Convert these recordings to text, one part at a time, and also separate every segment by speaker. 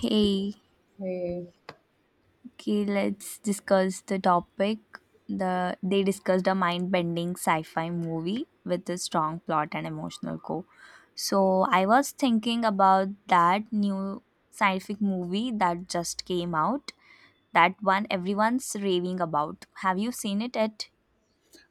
Speaker 1: Hey,
Speaker 2: Hey.
Speaker 1: okay, let's discuss the topic. They discussed a mind-bending sci-fi movie with a strong plot and emotional core. So I was thinking about that new scientific movie that just came out. That one everyone's raving about. Have you seen it yet?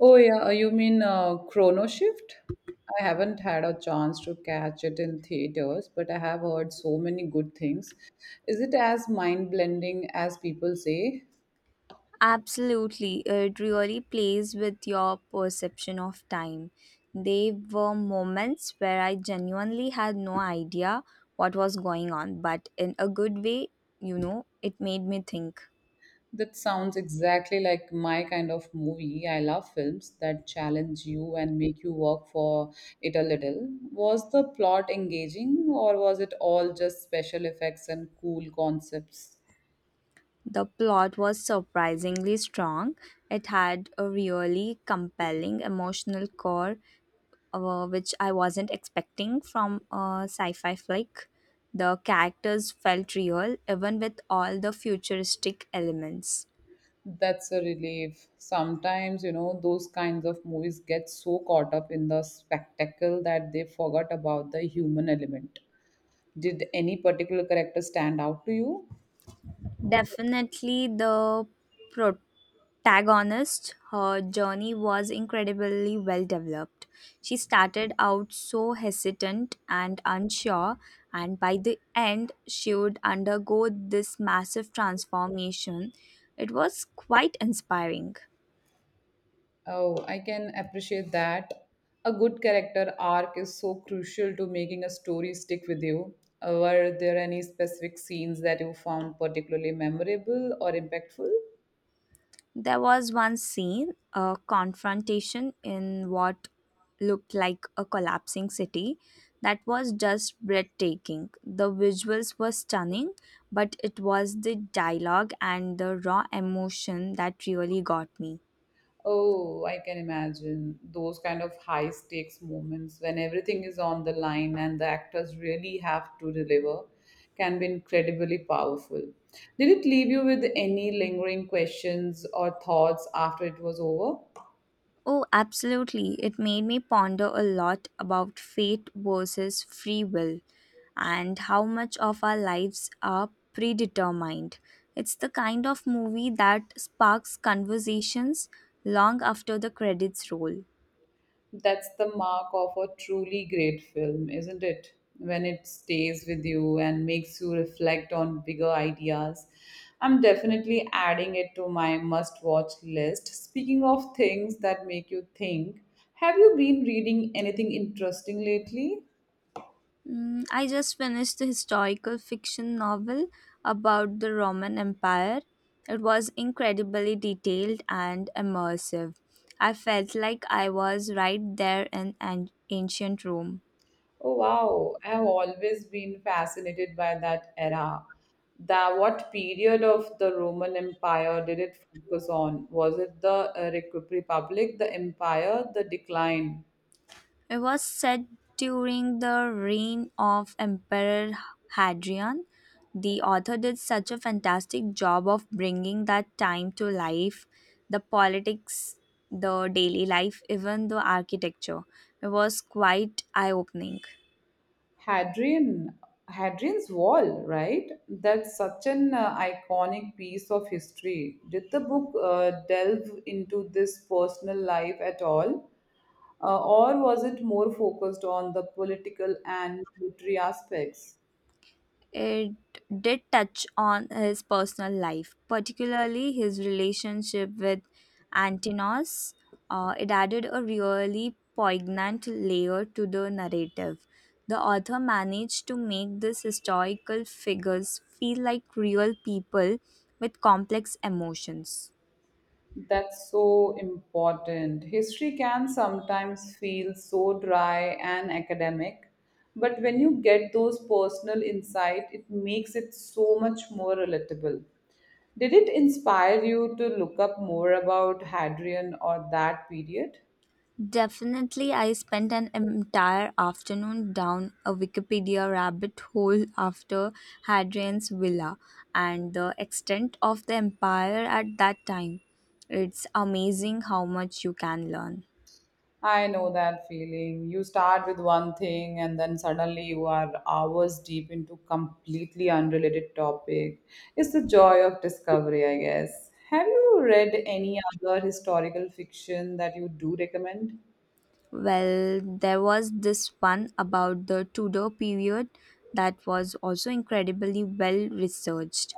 Speaker 2: Oh yeah, you mean Chrono Shift? I haven't had a chance to catch it in theaters, but I have heard so many good things. Is it as mind-blending as people say?
Speaker 1: Absolutely, it really plays with your perception of time. There were moments where I genuinely had no idea what was going on, but in a good way, it made me think.
Speaker 2: That sounds exactly like my kind of movie. I love films that challenge you and make you work for it a little. Was the plot engaging, or was it all just special effects and cool concepts?
Speaker 1: The plot was surprisingly strong. It had a really compelling emotional core, which I wasn't expecting from a sci fi flick. The characters felt real, even with all the futuristic elements.
Speaker 2: That's a relief. Sometimes, you know, those kinds of movies get so caught up in the spectacle that they forgot about the human element. Did any particular character stand out to you?
Speaker 1: Definitely the protagonist. Her journey was incredibly well developed. She started out so hesitant and unsure, and by the end, she would undergo this massive transformation. It was quite inspiring.
Speaker 2: Oh, I can appreciate that. A good character arc is so crucial to making a story stick with you. Were there any specific scenes that you found particularly memorable or impactful?
Speaker 1: There was one scene, a confrontation in what looked like a collapsing city, that was just breathtaking. The visuals were stunning, but it was the dialogue and the raw emotion that really got me.
Speaker 2: Oh, I can imagine those kind of high stakes moments when everything is on the line and the actors really have to deliver can be incredibly powerful. Did it leave you with any lingering questions or thoughts after it was over?
Speaker 1: Oh, absolutely. It made me ponder a lot about fate versus free will and how much of our lives are predetermined. It's the kind of movie that sparks conversations long after the credits roll.
Speaker 2: That's the mark of a truly great film, isn't it? When it stays with you and makes you reflect on bigger ideas. I'm definitely adding it to my must watch list. Speaking of things that make you think, have you been reading anything interesting lately?
Speaker 1: I just finished the historical fiction novel about the Roman Empire. It was incredibly detailed and immersive. I felt like I was right there in an ancient Rome.
Speaker 2: Oh wow, I have always been fascinated by that era. The what period of the Roman Empire did it focus on? Was it the Republic, the Empire, the decline?
Speaker 1: It was set during the reign of Emperor Hadrian. The author did such a fantastic job of bringing that time to life the politics, the daily life, even the architecture. It was quite eye opening.
Speaker 2: Hadrian, Hadrian's Wall, right? That's such an iconic piece of history. Did the book delve into this personal life at all? Or was it more focused on the political and military aspects?
Speaker 1: It did touch on his personal life, particularly his relationship with Antinous. It added a really poignant layer to the narrative. The author managed to make these historical figures feel like real people with complex emotions.
Speaker 2: That's so important. History can sometimes feel so dry and academic, but when you get those personal insight, it makes it so much more relatable. Did it inspire you to look up more about Hadrian or that period?
Speaker 1: Definitely, I spent an entire afternoon down a Wikipedia rabbit hole after Hadrian's Villa and the extent of the empire at that time. It's amazing how much you can learn.
Speaker 2: I know that feeling. You start with one thing and then suddenly you are hours deep into completely unrelated topic. It's the joy of discovery, I guess. Have you read any other historical fiction that you do recommend?
Speaker 1: Well, there was this one about the Tudor period that was also incredibly well researched.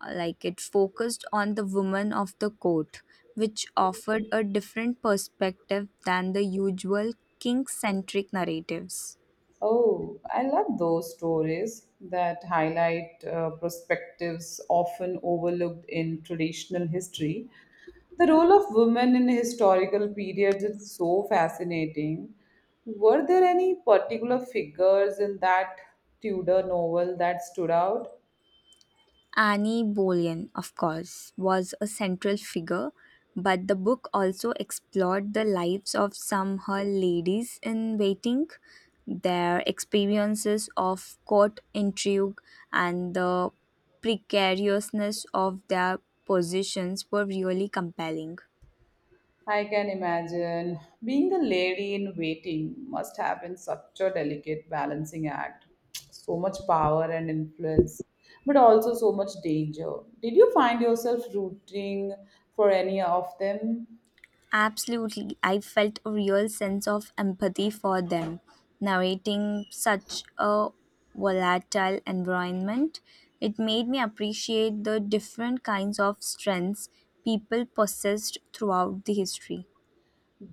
Speaker 1: Like it focused on the women of the court, which offered a different perspective than the usual king centric narratives.
Speaker 2: Oh, I love those stories that highlight perspectives often overlooked in traditional history. The role of women in historical periods is so fascinating. Were there any particular figures in that Tudor novel that stood out?
Speaker 1: Annie Boleyn, of course, was a central figure, but the book also explored the lives of some her ladies in waiting, their experiences of court intrigue, and the precariousness of their positions were really compelling.
Speaker 2: I can imagine being the lady in waiting must have been such a delicate balancing act. So much power and influence, but also so much danger. Did you find yourself rooting for any of them?
Speaker 1: Absolutely. I felt a real sense of empathy for them. Narrating such a volatile environment, it made me appreciate the different kinds of strengths people possessed throughout the history.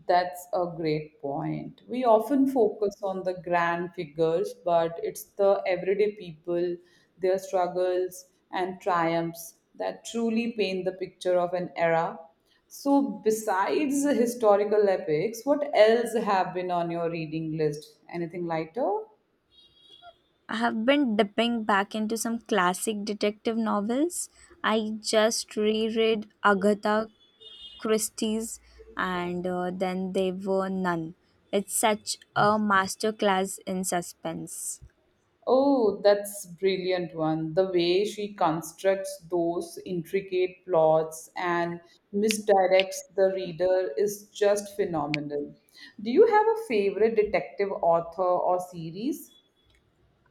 Speaker 2: That's a great point. We often focus on the grand figures, but it's the everyday people, their struggles and triumphs that truly paint the picture of an era. So, besides the historical epics, what else have been on your reading list? Anything lighter?
Speaker 1: I have been dipping back into some classic detective novels. I just reread Agatha Christie's and then there were none. It's such a masterclass in suspense.
Speaker 2: Oh, that's brilliant one. The way she constructs those intricate plots and misdirects the reader is just phenomenal. Do you have a favorite detective author or series?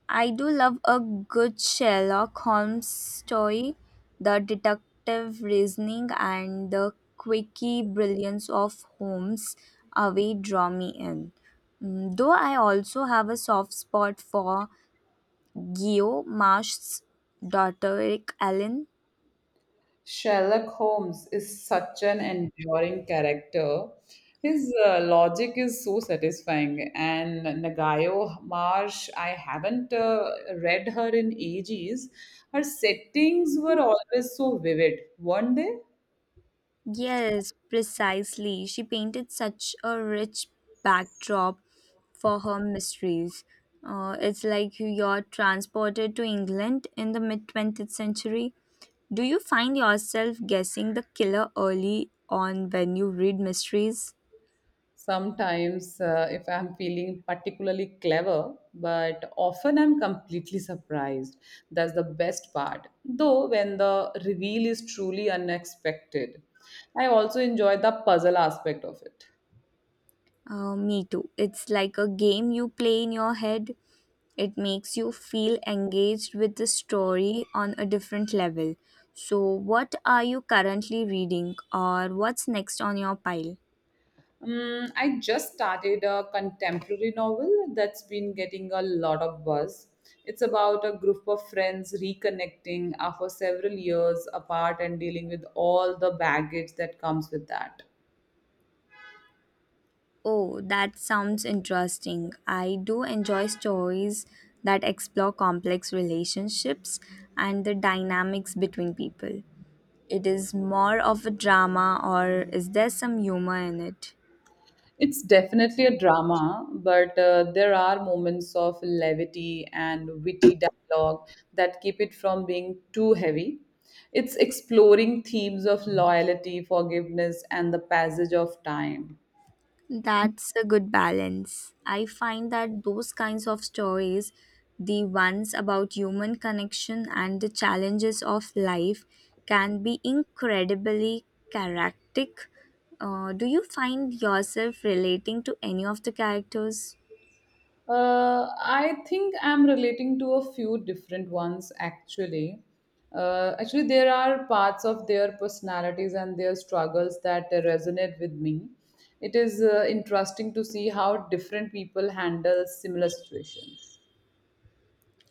Speaker 1: I do love a good Sherlock Holmes story. The detective reasoning and the quirky brilliance of Holmes away draw me in. Though I also have a soft spot for Geo Marsh's daughter Rick Allen.
Speaker 2: Sherlock Holmes is such an enduring character. His logic is so satisfying. And Nagayo Marsh, I haven't read her in ages. Her settings were always so vivid, weren't they?
Speaker 1: Yes, precisely. She painted such a rich backdrop for her mysteries. It's like you're transported to England in the mid 20th century. Do you find yourself guessing the killer early on when you read mysteries?
Speaker 2: Sometimes, if I'm feeling particularly clever, but often I'm completely surprised. That's the best part. Though, when the reveal is truly unexpected, I also enjoy the puzzle aspect of it.
Speaker 1: Me too. It's like a game you play in your head. It makes you feel engaged with the story on a different level. So, what are you currently reading or what's next on your pile?
Speaker 2: I just started a contemporary novel that's been getting a lot of buzz. It's about a group of friends reconnecting after several years apart and dealing with all the baggage that comes with that.
Speaker 1: Oh, that sounds interesting. I do enjoy stories that explore complex relationships and the dynamics between people. It is more of a drama, or is there some humor in it?
Speaker 2: It's definitely a drama, but there are moments of levity and witty dialogue that keep it from being too heavy. It's exploring themes of loyalty, forgiveness, and the passage of time.
Speaker 1: That's a good balance. I find that those kinds of stories, the ones about human connection and the challenges of life, can be incredibly characteristic. Do you find yourself relating to any of the characters?
Speaker 2: I think I'm relating to a few different ones actually. Actually, there are parts of their personalities and their struggles that resonate with me. It is interesting to see how different people handle similar situations.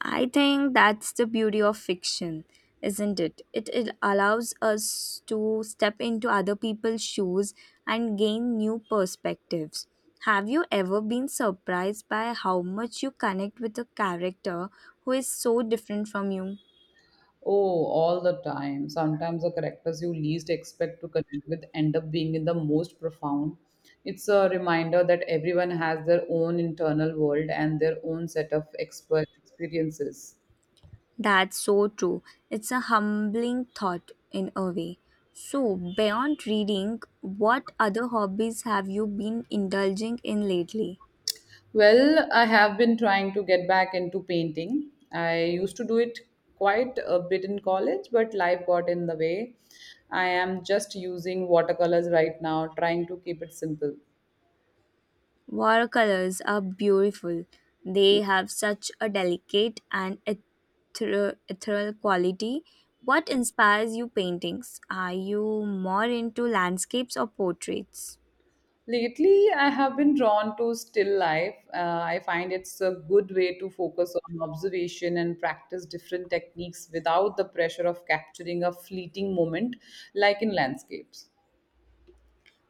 Speaker 1: I think that's the beauty of fiction, isn't it? It allows us to step into other people's shoes and gain new perspectives. Have you ever been surprised by how much you connect with a character who is so different from you?
Speaker 2: Oh, all the time. Sometimes the characters you least expect to connect with end up being in the most profound. It's a reminder that everyone has their own internal world and their own set of expert experiences.
Speaker 1: That's so true. It's a humbling thought in a way. So, beyond reading, what other hobbies have you been indulging in lately?
Speaker 2: Well, I have been trying to get back into painting. I used to do it quite a bit in college, but life got in the way. I am just using watercolors right now, trying to keep it simple.
Speaker 1: Watercolors are beautiful. They have such a delicate and ethereal quality. What inspires you paintings? Are you more into landscapes or portraits?
Speaker 2: Lately, I have been drawn to still life. I find it's a good way to focus on observation and practice different techniques without the pressure of capturing a fleeting moment like in landscapes.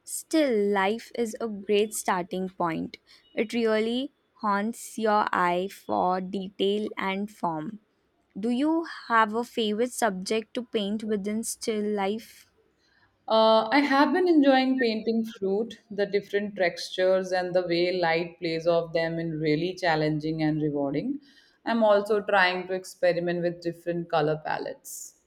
Speaker 1: Still, life is a great starting point. It really haunts your eye for detail and form. Do you have a favorite subject to paint within still life?
Speaker 2: I have been enjoying painting fruit, the different textures and the way light plays off them in really challenging and rewarding. I'm also trying to experiment with different color palettes.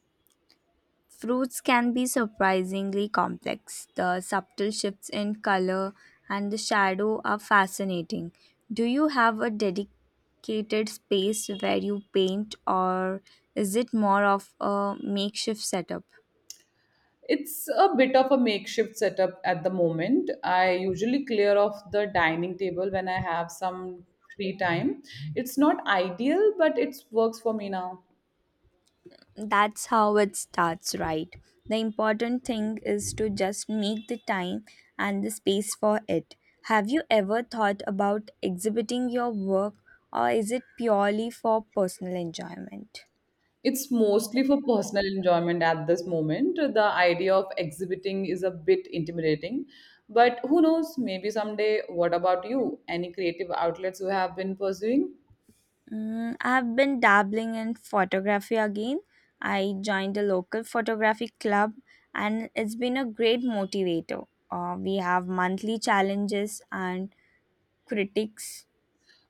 Speaker 1: Fruits can be surprisingly complex. The subtle shifts in color and the shadow are fascinating. Do you have a dedicated space where you paint, or is it more of a makeshift setup?
Speaker 2: It's a bit of a makeshift setup at the moment. I usually clear off the dining table when I have some free time. It's not ideal, but it works for me now.
Speaker 1: That's how it starts, right? The important thing is to just make the time and the space for it. Have you ever thought about exhibiting your work, or is it purely for personal enjoyment?
Speaker 2: It's mostly for personal enjoyment at this moment. The idea of exhibiting is a bit intimidating, but who knows, maybe someday. What about you? Any creative outlets you have been pursuing?
Speaker 1: I've been dabbling in photography again. I joined a local photography club and it's been a great motivator. We have monthly challenges and critics.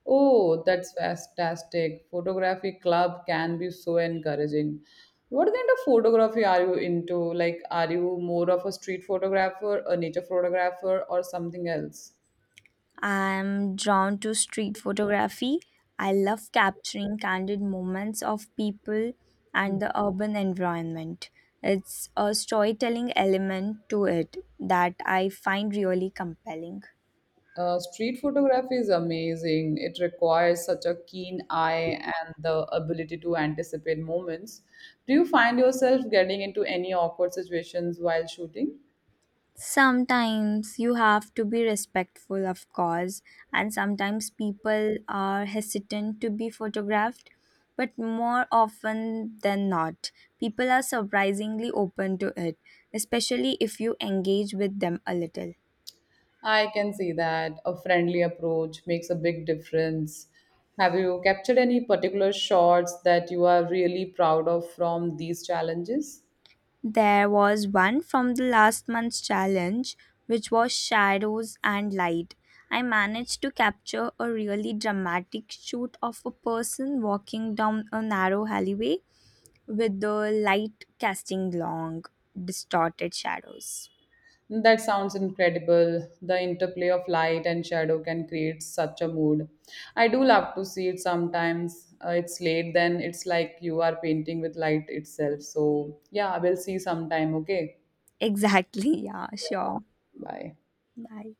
Speaker 2: Oh, that's fantastic. Photography club can be so encouraging. What kind of photography are you into? Like, are you more of a street photographer, a nature photographer, or something else?
Speaker 1: I'm drawn to street photography. I love capturing candid moments of people and the urban environment. It's a storytelling element to it that I find really compelling.
Speaker 2: Street photography is amazing. It requires such a keen eye and the ability to anticipate moments. Do you find yourself getting into any awkward situations while shooting?
Speaker 1: Sometimes you have to be respectful, of course, and sometimes people are hesitant to be photographed, but more often than not, people are surprisingly open to it, especially if you engage with them a little.
Speaker 2: I can see that a friendly approach makes a big difference. Have you captured any particular shots that you are really proud of from these challenges?
Speaker 1: There was one from the last month's challenge, which was shadows and light. I managed to capture a really dramatic shoot of a person walking down a narrow alleyway with the light casting long, distorted shadows.
Speaker 2: That sounds incredible. The interplay of light and shadow can create such a mood. I do love to see it sometimes. It's late, then it's like you are painting with light itself. So, yeah, I will see sometime. Okay.
Speaker 1: Exactly, yeah, sure.
Speaker 2: Bye.
Speaker 1: Bye.